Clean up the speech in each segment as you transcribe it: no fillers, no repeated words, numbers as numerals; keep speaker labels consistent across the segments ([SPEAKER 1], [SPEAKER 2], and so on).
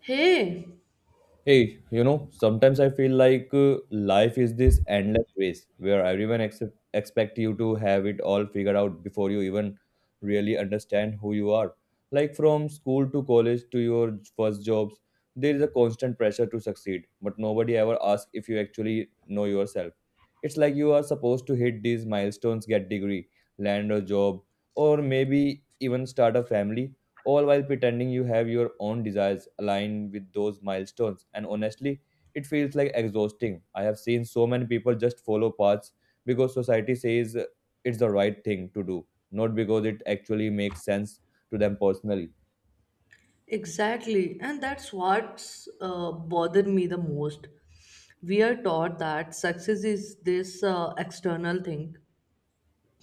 [SPEAKER 1] Hey,
[SPEAKER 2] Hey, you know, sometimes I feel like life is this endless race where everyone except expect you to have it all figured out before you even really understand who you are. Like from school to college to your first jobs, there is a constant pressure to succeed, but nobody ever asks if you actually know yourself. It's like you are supposed to hit these milestones, get degree, land a job, or maybe even start a family, all while pretending you have your own desires aligned with those milestones. And honestly, it feels like exhausting. I have seen so many people just follow paths because society says it's the right thing to do, not because it actually makes sense to them personally.
[SPEAKER 1] exactly. And that's what's bothered me the most. We are taught that success is this external thing,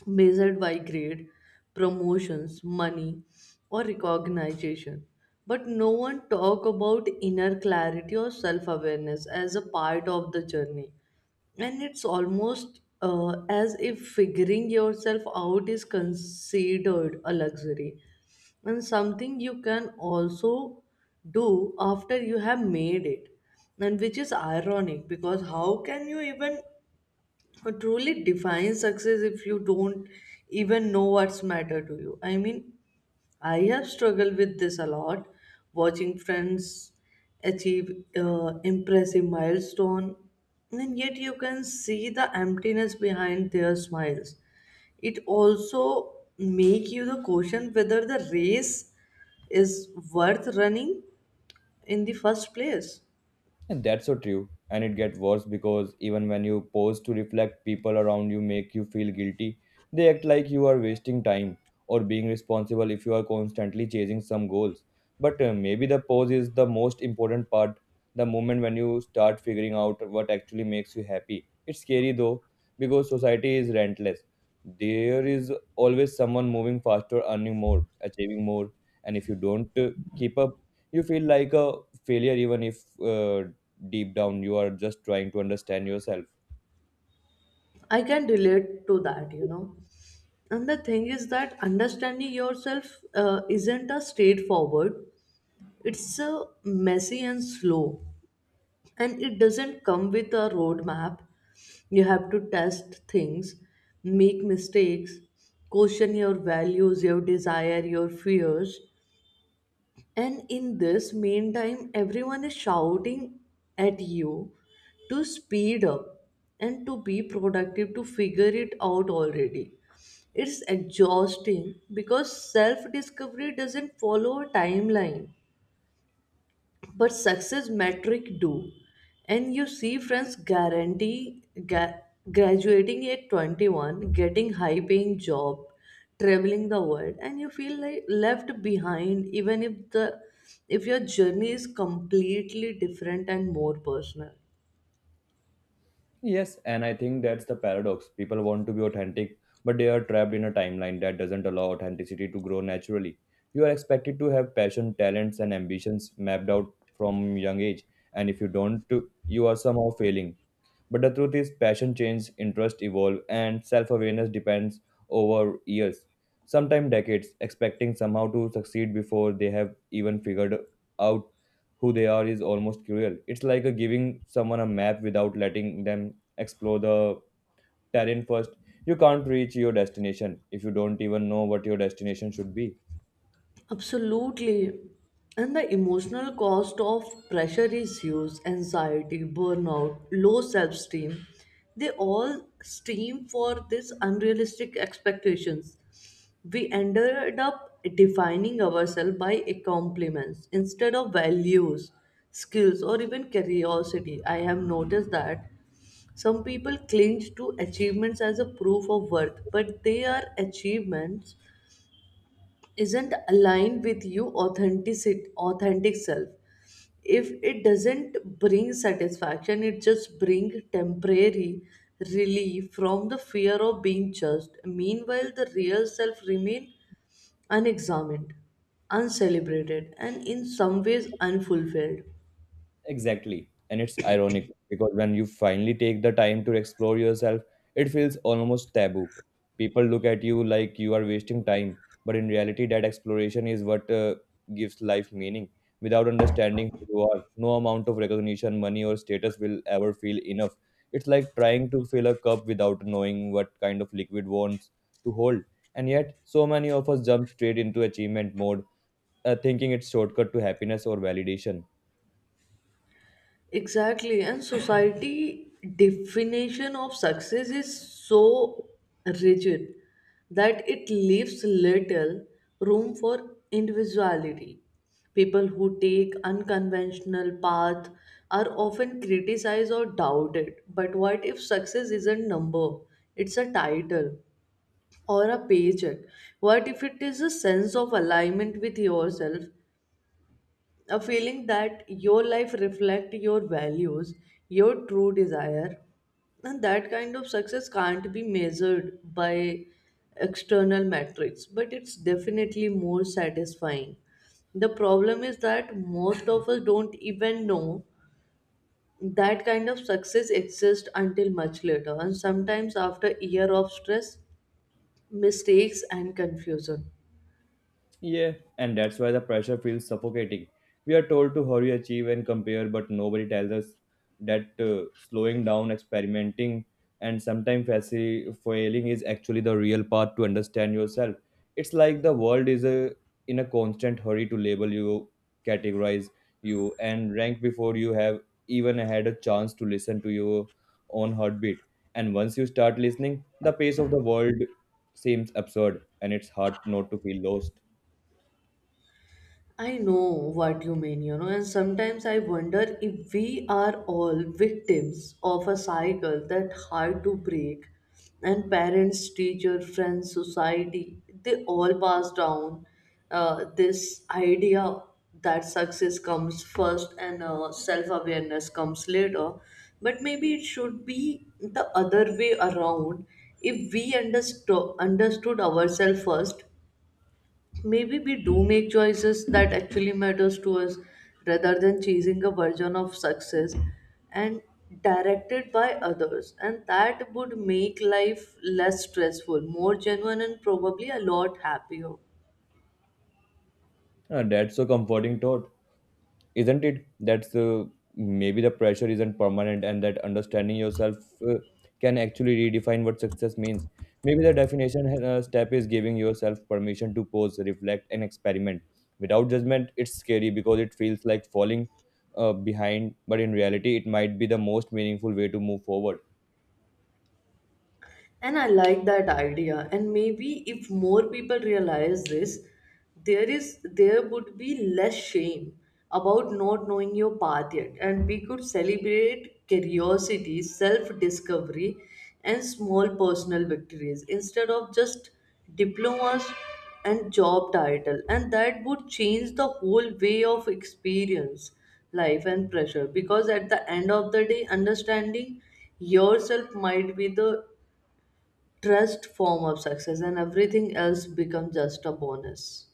[SPEAKER 1] measured by grade, promotions, money, or recognition. But no one talk about inner clarity or self-awareness as a part of the journey. And it's almost as if figuring yourself out is considered a luxury and something you can also do after you have made it and which is ironic because how can you even what truly defines success if you don't even know what's matter to you. I mean, I have struggled with this a lot, watching friends achieve impressive milestone, and yet you can see the emptiness behind their smiles. It also make you the question whether the race is worth running in the first place.
[SPEAKER 2] And that's so true. And it gets worse because even when you pause to reflect, people around you make you feel guilty. They act like you are wasting time or being responsible if you are constantly chasing some goals. But maybe the pause is the most important part, the moment when you start figuring out what actually makes you happy. It's scary though, because society is relentless. There is always someone moving faster, earning more, achieving more. And if you don't keep up, you feel like a failure even if deep down you are just trying to understand yourself.
[SPEAKER 1] I can relate to that, you know. And the thing is that understanding yourself isn't a straightforward, it's a messy and slow. And it doesn't come with a roadmap. You have to test things, make mistakes, question your values, your desire, your fears, and in this meantime, everyone is shouting at you to speed up and to be productive, to figure it out already. It's exhausting because self discovery doesn't follow a timeline but success metric do. And you see friends guarantee graduating at 21, getting high paying job, traveling the world, and you feel like left behind even if the if your journey is completely different and more personal.
[SPEAKER 2] Yes, and I think that's the paradox. People want to be authentic, but they are trapped in a timeline that doesn't allow authenticity to grow naturally. You are expected to have passion, talents, and ambitions mapped out from young age, and if you don't, you are somehow failing. But the truth is, passion changes, interests evolve, and self awareness depends over years, sometimes decades, expecting somehow to succeed before they have even figured out who they are is almost cruel. It's like a giving someone a map without letting them explore the terrain first. You can't reach your destination if you don't even know what your destination should be.
[SPEAKER 1] Absolutely. And the emotional cost of pressure is huge anxiety, burnout, low self esteem. They all stream for these unrealistic expectations. We ended up defining ourselves by a compliments instead of values, skills, or even curiosity. I have noticed that some people cling to achievements as a proof of worth, but they are achievements isn't aligned with you authentic self. If it doesn't bring satisfaction, it just brings temporary relief from the fear of being judged. Meanwhile the real self remain unexamined, uncelebrated, and in some ways unfulfilled.
[SPEAKER 2] Exactly. And it's ironic because when you finally take the time to explore yourself, it feels almost taboo. People look at you like you are wasting time, but in reality, that exploration is what gives life meaning. Without understanding who you are, no amount of recognition, money, or status will ever feel enough. It's like trying to fill a cup without knowing what kind of liquid wants to hold. And yet, so many of us jump straight into achievement mode, thinking it's shortcut to happiness or validation.
[SPEAKER 1] Exactly, and society definition of success is so rigid that it leaves little room for individuality. People who take unconventional path are often criticized or doubted. But what if success is a number? It's a title or a paycheck. What if it is a sense of alignment with yourself, a feeling that your life reflect your values, your true desire? And that kind of success can't be measured by external metrics, but it's definitely more satisfying. The problem is that most of us don't even know that kind of success exists until much later, and sometimes after year of stress, mistakes, and confusion.
[SPEAKER 2] Yeah, and that's why the pressure feels suffocating. We are told to hurry, achieve, and compare, but nobody tells us that slowing down, experimenting, and sometimes failing is actually the real path to understand yourself. It's like the world is a, in a constant hurry to label you, categorize you, and rank before you have even had a chance to listen to your own heartbeat. And once you start listening, the pace of the world seems absurd, and it's hard not to feel lost.
[SPEAKER 1] I know what you mean, you know, and sometimes I wonder if we are all victims of a cycle that hard to break. And parents, teacher, friends, society, they all pass down this idea that success comes first and self awareness comes later. But maybe it should be the other way around. If we understood ourselves first, maybe we do make choices that actually matters to us rather than chasing a version of success and directed by others. And that would make life less stressful, more genuine, and probably a lot happier.
[SPEAKER 2] That's a comforting thought, isn't it? That's maybe the pressure isn't permanent, and that understanding yourself uh, can actually redefine what success means. Maybe the definition step is giving yourself permission to pause, reflect, and experiment. Without judgment, it's scary because it feels like falling behind, but in reality, it might be the most meaningful way to move forward.
[SPEAKER 1] And I like that idea. And maybe if more people realize this, there would be less shame about not knowing your path yet. And we could celebrate curiosity, self-discovery, and small personal victories instead of just diplomas and job title. And that would change the whole way of experience, life and pressure. Because at the end of the day, understanding yourself might be the trust form of success and everything else becomes just a bonus.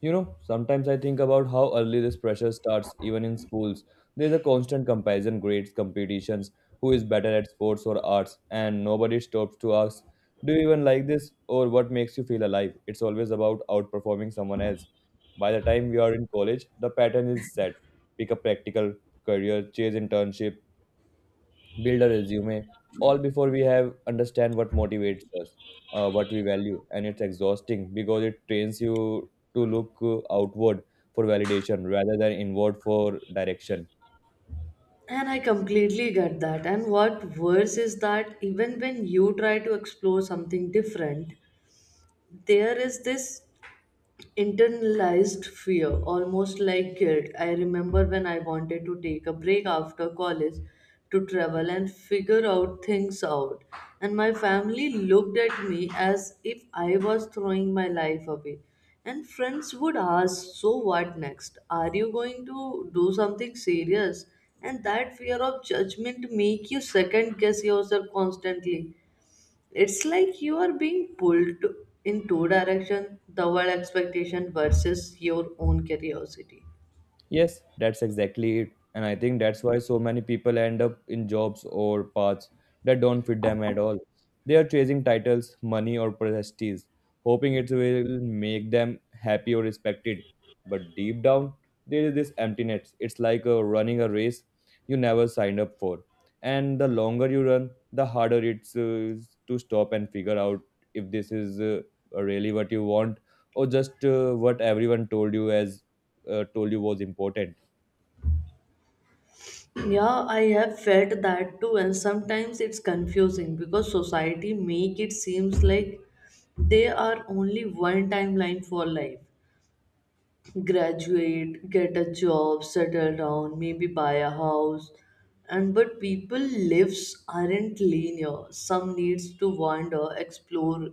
[SPEAKER 2] You know, sometimes I think about how early this pressure starts, even in schools. There's a constant comparison, grades, competitions, who is better at sports or arts, and nobody stops to ask, do you even like this? Or what makes you feel alive? It's always about outperforming someone else. By the time we are in college, the pattern is set. Pick a practical career, chase internship, build a resume all before we have understand what motivates us, what we value. And it's exhausting because it trains you to look outward for validation rather than inward for direction.
[SPEAKER 1] And I completely get that. And what worse is that even when you try to explore something different, there is this internalized fear, almost like guilt. I remember when I wanted to take a break after college to travel and figure out things out, and my family looked at me as if I was throwing my life away. And friends would ask, so what next? Are you going to do something serious? And that fear of judgment make you second guess yourself constantly. It's like you are being in two directions, the world expectation versus your own curiosity.
[SPEAKER 2] Yes, that's exactly it. And I think that's why so many people end up in jobs or paths that don't fit them at all. They are chasing titles, money, or prestige, hoping it will make them happy or respected. But deep down, there is this emptiness. It's like running a race you never signed up for. And the longer you run, the harder it's to stop and figure out if this is really what you want or just what everyone told you was important.
[SPEAKER 1] Yeah, I have felt that too, and sometimes it's confusing because society make it seems like they are only one timeline for life. Graduate, get a job, settle down, maybe buy a house. And but people lives aren't linear. Some needs to wander, explore,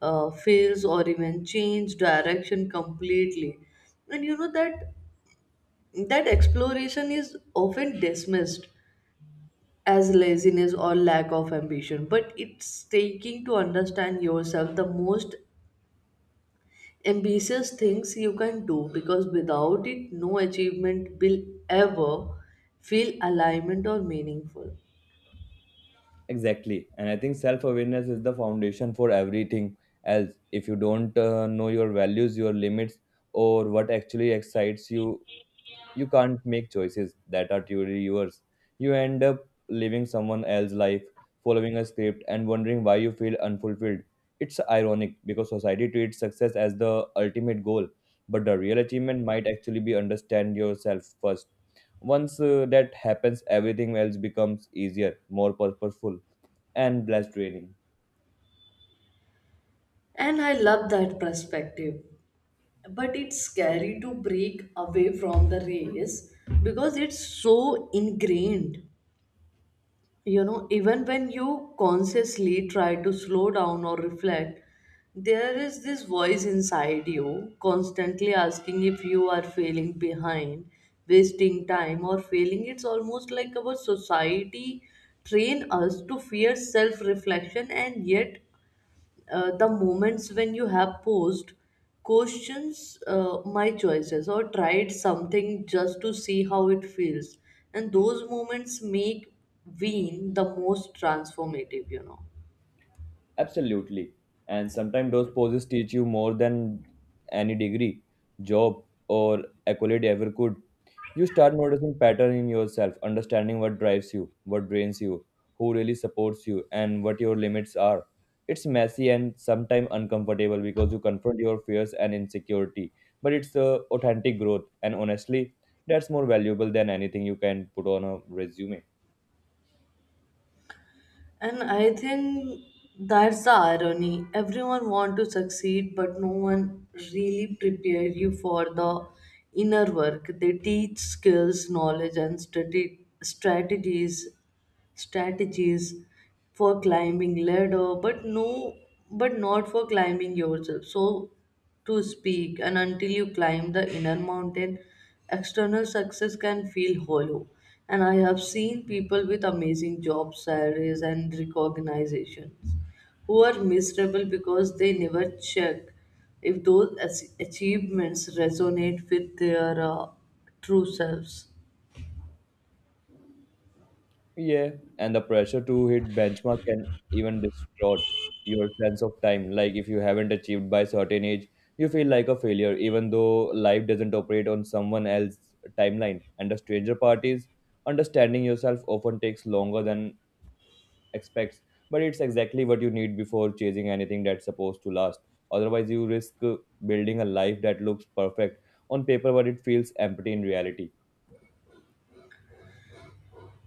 [SPEAKER 1] fails, or even change direction completely. And you know that exploration is often dismissed as laziness or lack of ambition, but it's taking to understand yourself the most ambitious things you can do, because without it no achievement will ever feel alignment or meaningful.
[SPEAKER 2] Exactly, and I think self awareness is the foundation for everything else. If you don't know your values, your limits, or what actually excites you, you can't make choices that are truly yours. You end up living someone else's life, following a script, and wondering why you feel unfulfilled. It's ironic because society treats success as the ultimate goal, but the real achievement might actually be understand yourself first. Once that happens, everything else becomes easier, more purposeful, and less draining.
[SPEAKER 1] And I love that perspective, but it's scary to break away from the race because it's so ingrained, you know. Even when you consciously try to slow down or reflect, there is this voice inside you constantly asking if you are failing behind, wasting time, or failing. It's almost like our society train us to fear self reflection. And yet, the moments when you have posed questions my choices or tried something just to see how it feels, and those moments make ween the most transformative, you know.
[SPEAKER 2] Absolutely. And sometimes those poses teach you more than any degree, job, or accolade ever could. You start noticing pattern in yourself, understanding what drives you, what drains you, who really supports you, and what your limits are. It's messy and sometimes uncomfortable because you confront your fears and insecurity, but it's a authentic growth, and honestly, that's more valuable than anything you can put on a resume.
[SPEAKER 1] And I think that's the irony. Everyone want to succeed but no one really prepare you for the inner work. They teach skills, knowledge, and study strategies strategies for climbing ladder but but not for climbing yourself, so to speak. And until you climb the inner mountain, external success can feel hollow. And I have seen people with amazing job salaries and recognitions who are miserable because they never check if those achievements resonate with their true selves.
[SPEAKER 2] Yeah, and the pressure to hit benchmark can even distort your sense of time. Like if you haven't achieved by certain age, you feel like a failure, even though life doesn't operate on someone else's timeline. And the stranger part is understanding yourself often takes longer than expects, but it's exactly what you need before chasing anything that's supposed to last. Otherwise, you risk building a life that looks perfect on paper, but it feels empty in reality.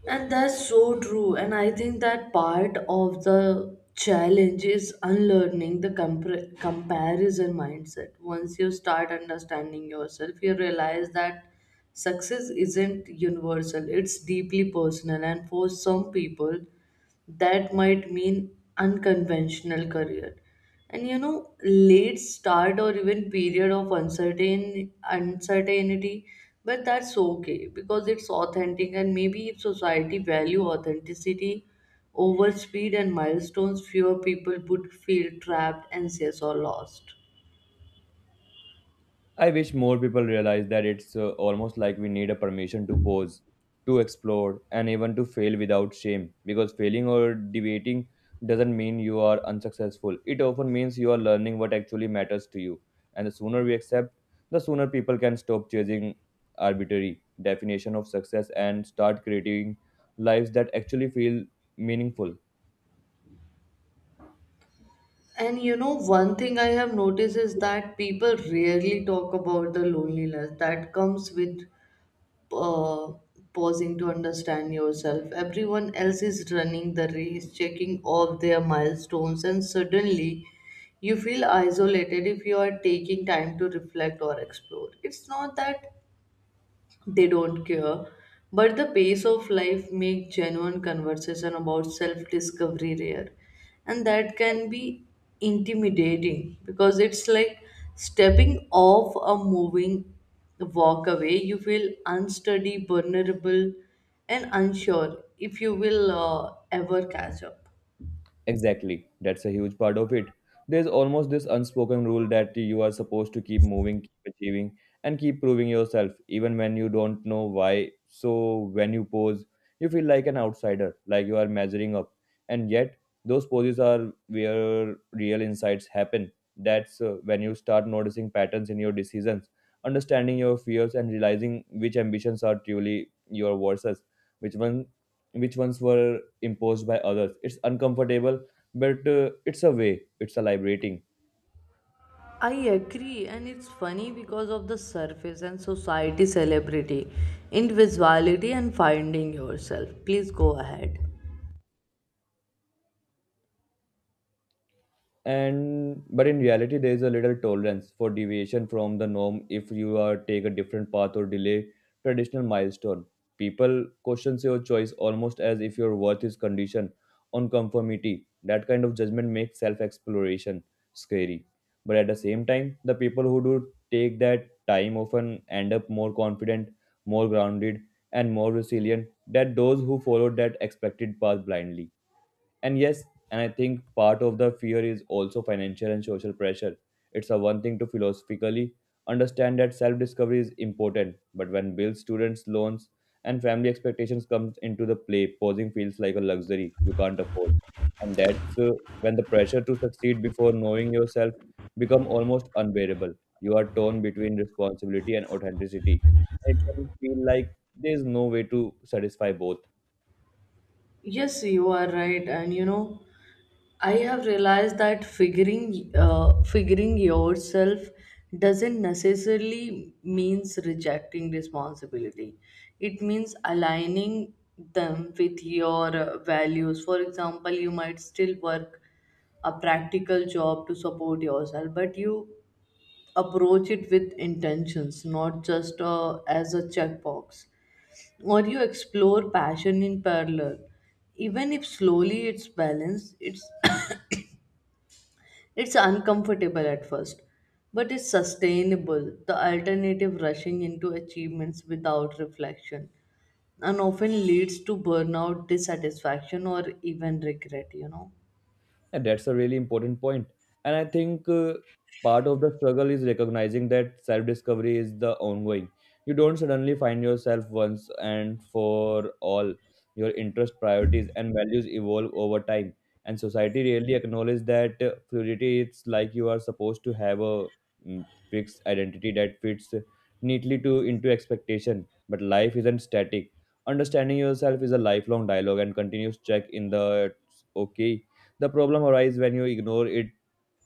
[SPEAKER 1] And that's so true. And I think that part of the challenge is unlearning the comparison mindset. Once you start understanding yourself, you realize that success isn't universal, it's deeply personal. And for some people, that might mean unconventional career, and you know, late start or even period of uncertainty. But that's okay because it's authentic. And maybe if society value authenticity over speed and milestones, fewer people would feel trapped, anxious, or lost.
[SPEAKER 2] I wish more people realize that it's almost like we need a permission to pause, to explore, and even to fail without shame. Because failing or deviating doesn't mean you are unsuccessful. It often means you are learning what actually matters to you. And the sooner we accept, the sooner people can stop chasing arbitrary definition of success and start creating lives that actually feel meaningful.
[SPEAKER 1] And you know, one thing I have noticed is that people rarely talk about the loneliness that comes with uh, pausing to understand yourself. Everyone else is running the race, checking off their milestones, and suddenly you feel isolated if you are taking time to reflect or explore. It's not that they don't care, but the pace of life make genuine conversation about self discovery rare. And that can be intimidating because it's like stepping off a moving walk away, you feel unsteady, vulnerable, and unsure if you will ever catch up.
[SPEAKER 2] Exactly. That's a huge part of it. There's almost this unspoken rule that you are supposed to keep moving, keep achieving, and keep proving yourself, even when you don't know why. So when you pose, you feel like an outsider, like you are measuring up. And yet, those poses are where real insights happen. That's when you start noticing patterns in your decisions, understanding your fears, and realizing which ambitions are truly your versus, which one? Which ones were imposed by others. It's uncomfortable, but it's a way. It's a liberating.
[SPEAKER 1] I agree, and it's funny because of the surface and society celebrity, individuality, and finding yourself. Please go ahead.
[SPEAKER 2] And but in reality there is a little tolerance for deviation from the norm. If you are take a different path or delay traditional milestone, people question your choice, almost as if your worth is conditioned on conformity. That kind of judgment makes self exploration scary, but at the same time the people who do take that time often end up more confident, more grounded, and more resilient than those who follow that expected path blindly. And yes, and I think part of the fear is also financial and social pressure. It's a one thing to philosophically understand that self-discovery is important, but when bills, students, loans, and family expectations comes into the play, pausing feels like a luxury you can't afford. And that's when the pressure to succeed before knowing yourself become almost unbearable. You are torn between responsibility and authenticity. It can feel like there is no way to satisfy both.
[SPEAKER 1] Yes, you are right, and you know, I have realized that figuring yourself doesn't necessarily means rejecting responsibility. It means aligning them with your values. For example, you might still work a practical job to support yourself, but you approach it with intentions, not just as a checkbox, or you explore passion in parallel, even if slowly. It's balanced, it's it's uncomfortable at first, but it's sustainable. The alternative, rushing into achievements without reflection, and often leads to burnout, dissatisfaction, or even regret, you know.
[SPEAKER 2] And that's a really important point. And I think part of the struggle is recognizing that self discovery is the ongoing. You don't suddenly find yourself once and for all. Your interest, priorities, and values evolve over time. And society really acknowledges that fluidity. It's like you are supposed to have a fixed identity that fits neatly to into expectation. But life isn't static. Understanding yourself is a lifelong dialogue and continuous check in the okay the problem arises when you ignore it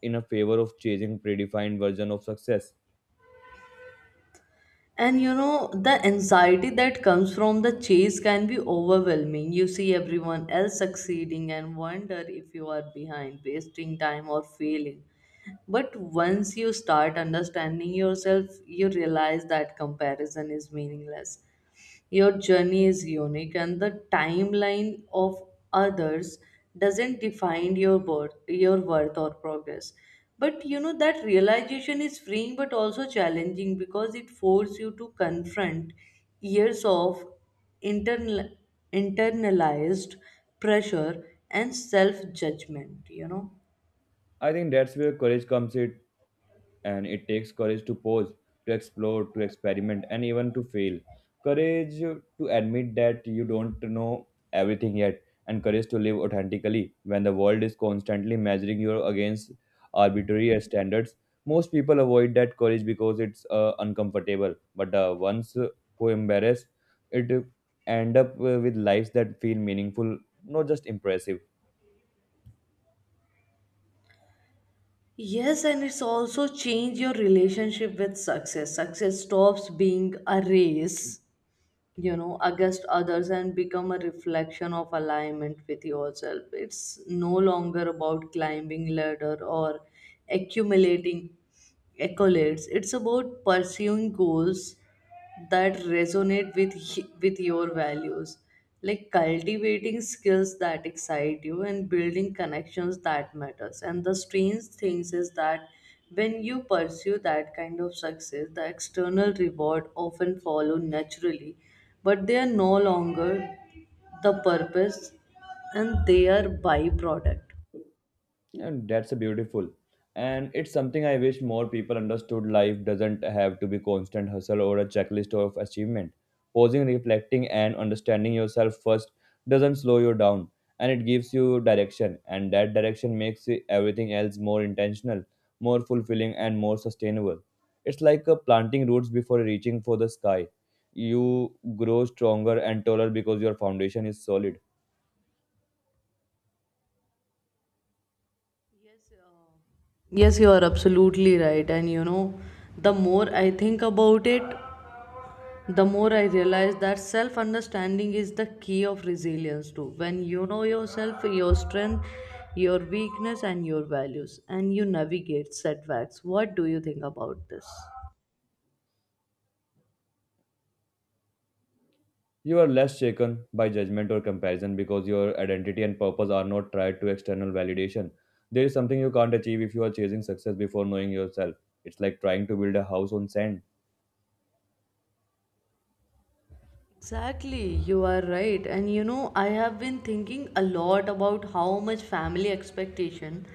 [SPEAKER 2] in a favor of chasing predefined version of success.
[SPEAKER 1] And you know, the anxiety that comes from the chase can be overwhelming. You see everyone else succeeding and wonder if you are behind, wasting time, or failing. But once you start understanding yourself, you realize that comparison is meaningless. Your journey is unique, and the timeline of others doesn't define your worth or progress. But you know that realization is freeing, but also challenging because it forces you to confront years of internal, internalized pressure and self judgment, you know.
[SPEAKER 2] I think that's where courage comes in, and it takes courage to pause, to explore, to experiment, and even to fail. Courage to admit that you don't know everything yet, and courage to live authentically when the world is constantly measuring you against arbitrary standards. Most people avoid that courage because it's uncomfortable, but the ones who embrace it end up with lives that feel meaningful, not just impressive.
[SPEAKER 1] Yes, and it's also changed your relationship with success. Success stops being a race, you know, against others and become a reflection of alignment with yourself. It's no longer about climbing ladder or accumulating accolades, it's about pursuing goals that resonate with your values, like cultivating skills that excite you and building connections that matters. And the strange things is that when you pursue that kind of success, the external reward often follow naturally, but they are no longer the purpose, and they are byproduct.
[SPEAKER 2] And that's a beautiful. And it's something I wish more people understood. Life doesn't have to be constant hustle or a checklist of achievement. Pausing, reflecting, and understanding yourself first doesn't slow you down, and it gives you direction. And that direction makes everything else more intentional, more fulfilling, and more sustainable. It's like planting roots before reaching for the sky. You grow stronger and taller because your foundation is solid.
[SPEAKER 1] Yes, yes, you are absolutely right. And you know, the more I think about it, the more I realize that self understanding is the key of resilience too. When you know yourself, your strength, your weakness, and your values, and you navigate setbacks. What do you think about this?
[SPEAKER 2] You are less shaken by judgment or comparison because your identity and purpose are not tied to external validation. There is something you can't achieve if you are chasing success before knowing yourself. It's like trying to build a house on sand.
[SPEAKER 1] Exactly, you are right. And you know, I have been thinking a lot about how much family expectation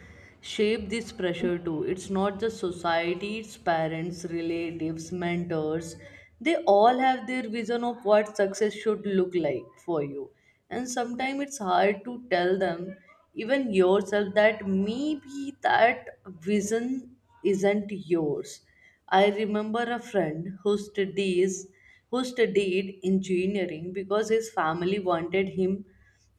[SPEAKER 1] shape this pressure too. It's not just society, it's parents, relatives, mentors. They all have their vision of what success should look like for you. And sometimes it's hard to tell them, even yourself, that maybe that vision isn't yours. I remember a friend who studied engineering because his family wanted him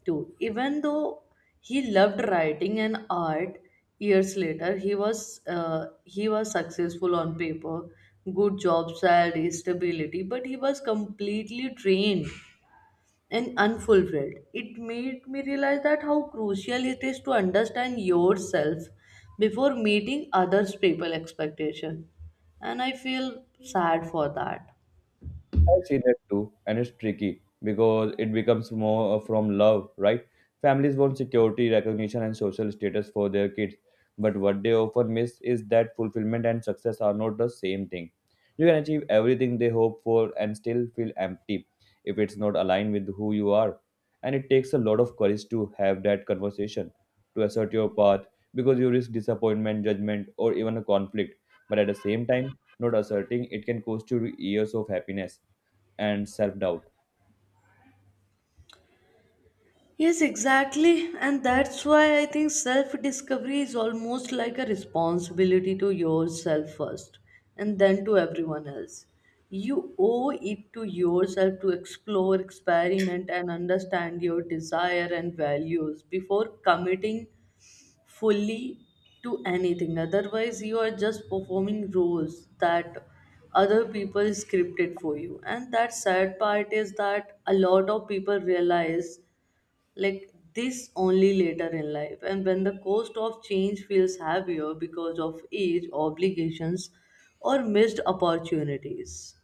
[SPEAKER 1] to. Even though he loved writing and art, years later he was successful on paper, good job, salary, stability, but he was completely drained and unfulfilled. It made me realize that how crucial it is to understand yourself before meeting others people expectation, and I feel sad for that.
[SPEAKER 2] I have seen that too, and it's tricky because it becomes more from love, right? Families want security, recognition, and social status for their kids, but what they often miss is that fulfillment and success are not the same thing. You can achieve everything they hope for and still feel empty if it's not aligned with who you are. And it takes a lot of courage to have that conversation, to assert your path, because you risk disappointment, judgment, or even a conflict. But at the same time, not asserting it can cost you years of happiness and self doubt.
[SPEAKER 1] Yes, exactly. And that's why I think self discovery is almost like a responsibility to yourself first and then to everyone else. You owe it to yourself to explore, experiment, and understand your desire and values before committing fully to anything. Otherwise, you are just performing roles that other people scripted for you. And that sad part is that a lot of people realize like this only later in life and when the cost of change feels heavier because of age obligations or missed opportunities.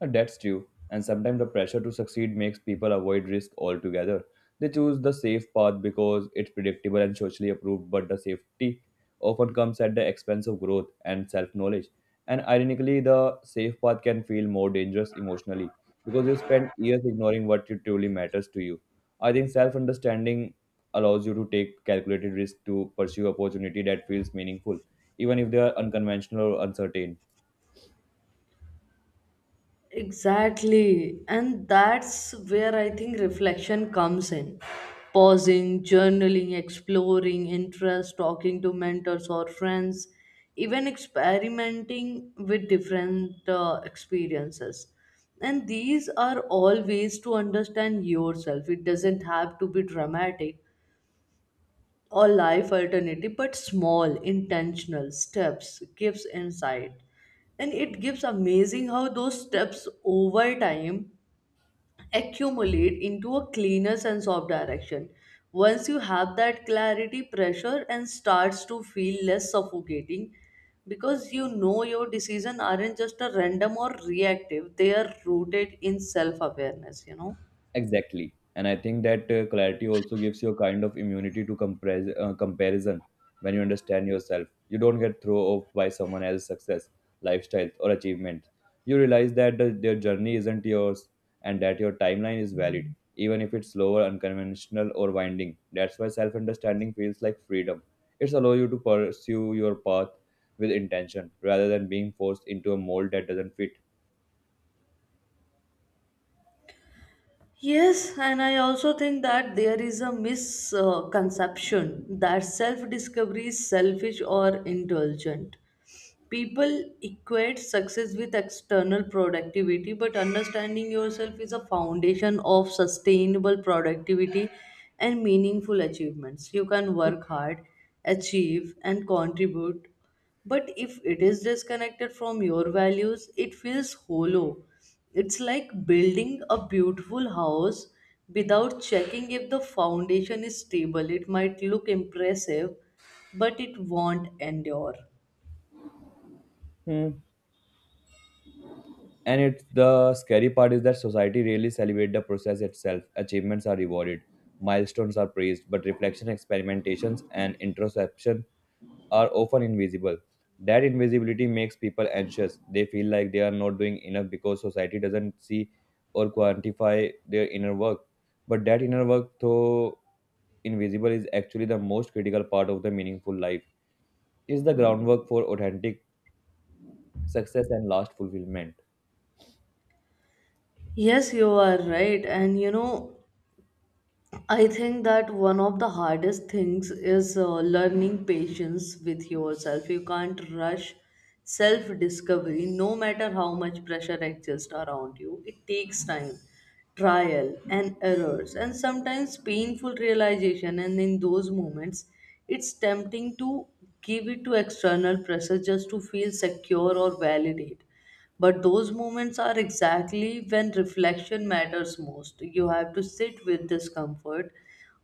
[SPEAKER 2] That's true, and sometimes the pressure to succeed makes people avoid risk altogether. They choose the safe path because it's predictable and socially approved, but the safety often comes at the expense of growth and self knowledge. And ironically, the safe path can feel more dangerous emotionally because you spend years ignoring what you truly matters to you. I think self understanding allows you to take calculated risk to pursue opportunity that feels meaningful, even if they are unconventional or uncertain.
[SPEAKER 1] Exactly. And that's where I think reflection comes in. Pausing, journaling, exploring interests, talking to mentors or friends, even experimenting with different experiences. And these are all ways to understand yourself. It doesn't have to be dramatic, or life alternative, but small intentional steps gives insight, and it gives amazing how those steps over time accumulate into a cleaner sense of direction. Once you have that clarity, pressure and starts to feel less suffocating because you know your decisions aren't just a random or reactive, they are rooted in self awareness, you know.
[SPEAKER 2] Exactly. And I think that clarity also gives you a kind of immunity to comparison when you understand yourself. You don't get thrown off by someone else's success, lifestyle, or achievements. You realize that their journey isn't yours and that your timeline is valid, even if it's slower, unconventional, or winding. That's why self understanding feels like freedom. It's allow you to pursue your path with intention rather than being forced into a mold that doesn't fit.
[SPEAKER 1] Yes, and I also think that there is a misconception that self discovery is selfish or indulgent. People equate success with external productivity, but understanding yourself is a foundation of sustainable productivity and meaningful achievements. You can work hard, achieve, and contribute, but if it is disconnected from your values, it feels hollow. It's like building a beautiful house without checking if the foundation is stable. It might look impressive, but it won't endure.
[SPEAKER 2] Hmm. And it's the scary part is that society really celebrates the process itself. Achievements are rewarded, milestones are praised, but reflection, experimentations, and introspection are often invisible. That invisibility makes people anxious. They feel like they are not doing enough because society doesn't see or quantify their inner work. But that inner work, though invisible, is actually the most critical part of the meaningful life. Is the groundwork for authentic success and last fulfillment.
[SPEAKER 1] Yes, you are right. And you know, I think that one of the hardest things is learning patience with yourself. You can't rush self discovery, no matter how much pressure exists around you. It takes time, trial, and errors, and sometimes painful realization. And in those moments, it's tempting to give it to external pressure just to feel secure or validate, but those moments are exactly when reflection matters most. You have to sit with discomfort,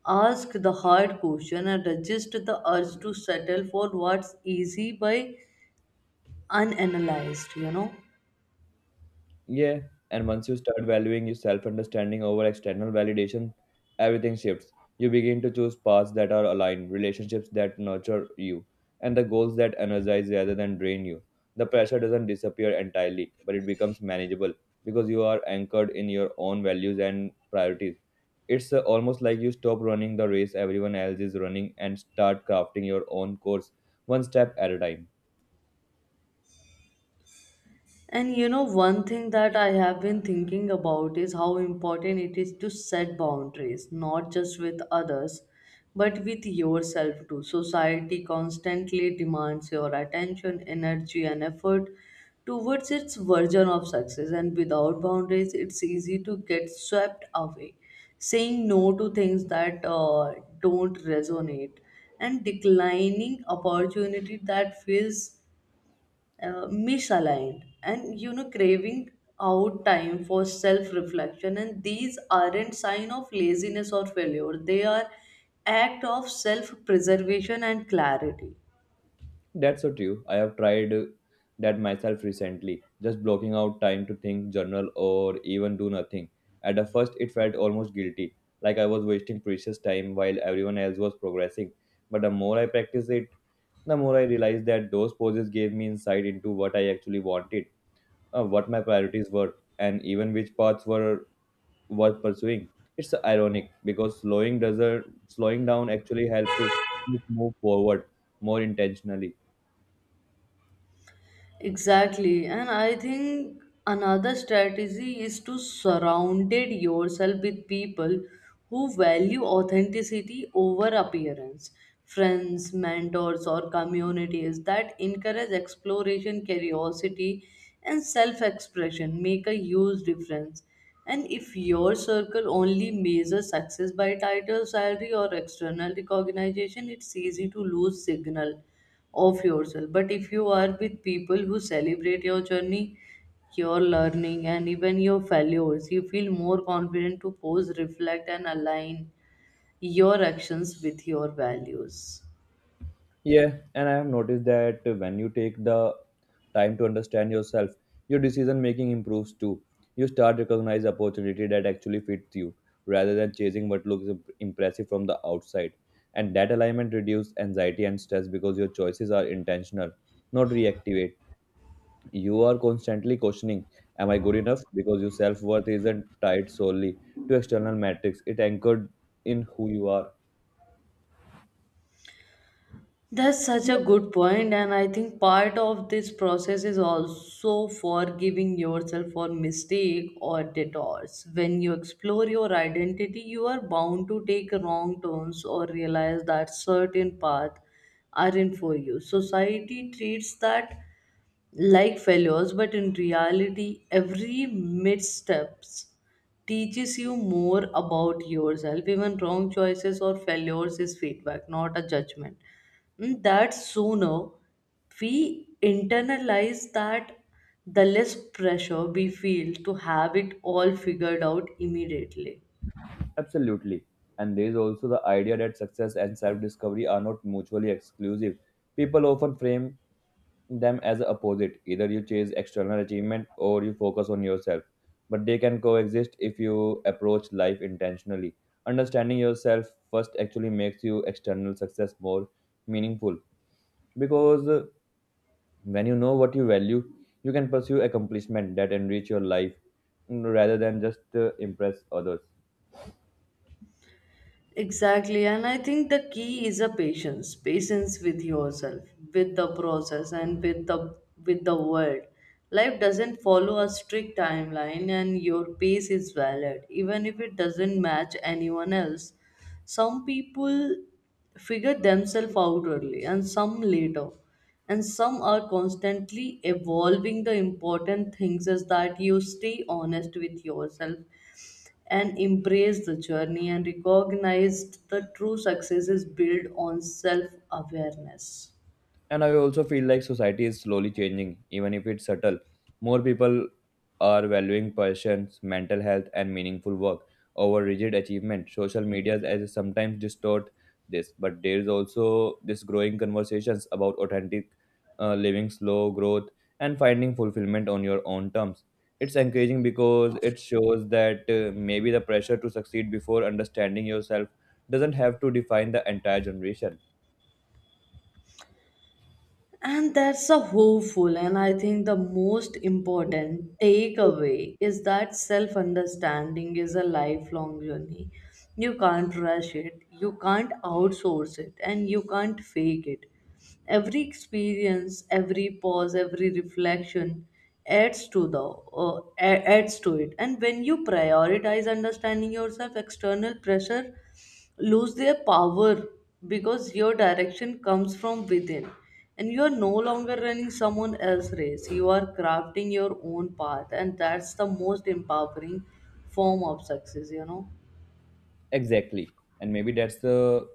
[SPEAKER 1] ask the hard question, and resist the urge to settle for what's easy by unanalyzed, you know.
[SPEAKER 2] Yeah, and once you start valuing your self understanding over external validation, everything shifts. You begin to choose paths that are aligned, relationships that nurture you, and the goals that energize rather than drain you. The pressure doesn't disappear entirely, but it becomes manageable because you are anchored in your own values and priorities. It's almost like you stop running the race everyone else is running and start crafting your own course one step at a time.
[SPEAKER 1] And you know, one thing that I have been thinking about is how important it is to set boundaries, not just with others, but with yourself too. Society constantly demands your attention, energy, and effort towards its version of success, and without boundaries, it's easy to get swept away. Saying no to things that don't resonate, and declining opportunity that feels misaligned, and you know craving out time for self reflection, and these aren't sign of laziness or failure, they are act of self preservation and clarity.
[SPEAKER 2] That's so true. I have tried that myself recently, just blocking out time to think, journal, or even do nothing. At the first, it felt almost guilty, like I was wasting precious time while everyone else was progressing. But the more I practiced it, the more I realized that those poses gave me insight into what I actually wanted, what my priorities were, and even which paths were worth pursuing. It's ironic because slowing doesn't slowing down actually help move forward more intentionally.
[SPEAKER 1] Exactly, and I think another strategy is to surrounded yourself with people who value authenticity over appearance. Friends, mentors, or communities that encourage exploration, curiosity, and self-expression make a huge difference. And if your circle only measures success by title, salary, or external recognition, it's easy to lose signal of yourself. But if you are with people who celebrate your journey, your learning, and even your failures, you feel more confident to pause, reflect, and align your actions with your values.
[SPEAKER 2] Yeah, and I have noticed that when you take the time to understand yourself, your decision making improves too. You start recognize opportunity that actually fits you rather than chasing what looks impressive from the outside. And that alignment reduces anxiety and stress because your choices are intentional, not reactive. You are constantly questioning, am I good enough? Because your self-worth isn't tied solely to external metrics. It anchored in who you are.
[SPEAKER 1] That's such a good point, and I think part of this process is also forgiving yourself for mistake or detours. When you explore your identity, you are bound to take wrong turns or realize that certain paths aren't for you. Society treats that like failures, but in reality, every missteps teaches you more about yourself. Even wrong choices or failures is feedback, not a judgment. And that sooner we internalize that, the less pressure we feel to have it all figured out immediately.
[SPEAKER 2] Absolutely. And there is also the idea that success and self discovery are not mutually exclusive. People often frame them as opposite. Either you chase external achievement or you focus on yourself. But they can coexist if you approach life intentionally. Understanding yourself first actually makes you external success more meaningful because when you know what you value, you can pursue accomplishment that enrich your life rather than just impress others.
[SPEAKER 1] Exactly, and I think the key is a patience, patience with yourself, with the process, and with the world. Life doesn't follow a strict timeline, and your pace is valid, even if it doesn't match anyone else. Some people figure themselves out early, and some later, and some are constantly evolving. The important things is that you stay honest with yourself and embraced the journey and recognized the true success is built on self awareness.
[SPEAKER 2] And I also feel like society is slowly changing, even if it's subtle. More people are valuing persons, mental health, and meaningful work over rigid achievement. Social media as sometimes distort this, but there is also this growing conversations about authentic living, slow growth, and finding fulfillment on your own terms. It's encouraging because it shows that maybe the pressure to succeed before understanding yourself doesn't have to define the entire generation.
[SPEAKER 1] And that's a hopeful, and I think the most important takeaway is that self understanding is a lifelong journey. You can't rush it, you can't outsource it, and you can't fake it. Every experience, every pause, every reflection adds to the adds to it. And when you prioritize understanding yourself, external pressure lose their power because your direction comes from within, and you are no longer running someone else's race, you are crafting your own path, and that's the most empowering form of success, you know.
[SPEAKER 2] Exactly. And maybe that's the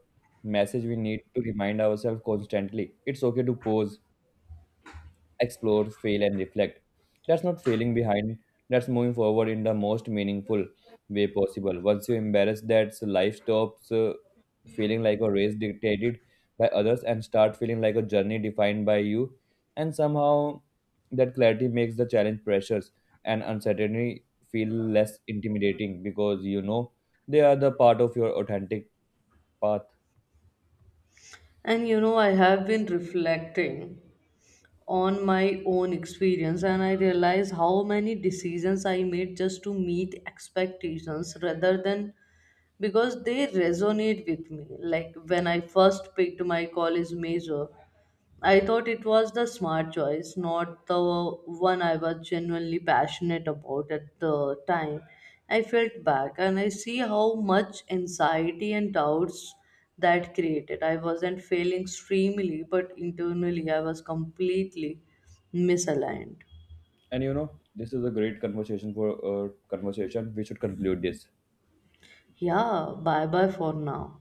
[SPEAKER 2] message we need to remind ourselves constantly. It's okay to pause, explore, fail, and reflect. That's not failing behind, that's moving forward in the most meaningful way possible. Once you embrace that, so life stops feeling like a race dictated by others and start feeling like a journey defined by you. And somehow, that clarity makes the challenge pressures and uncertainty feel less intimidating because you know they are the part of your authentic path.
[SPEAKER 1] And you know, I have been reflecting on my own experience, and I realize how many decisions I made just to meet expectations rather than because they resonate with me. Like when I first picked my college major, I thought it was the smart choice, not the one I was genuinely passionate about at the time. I felt back and I see how much anxiety and doubts that created. I wasn't failing extremely, but internally I was completely misaligned.
[SPEAKER 2] And you know, this is a great conversation for conversation. We should conclude this.
[SPEAKER 1] Yeah, bye bye for now.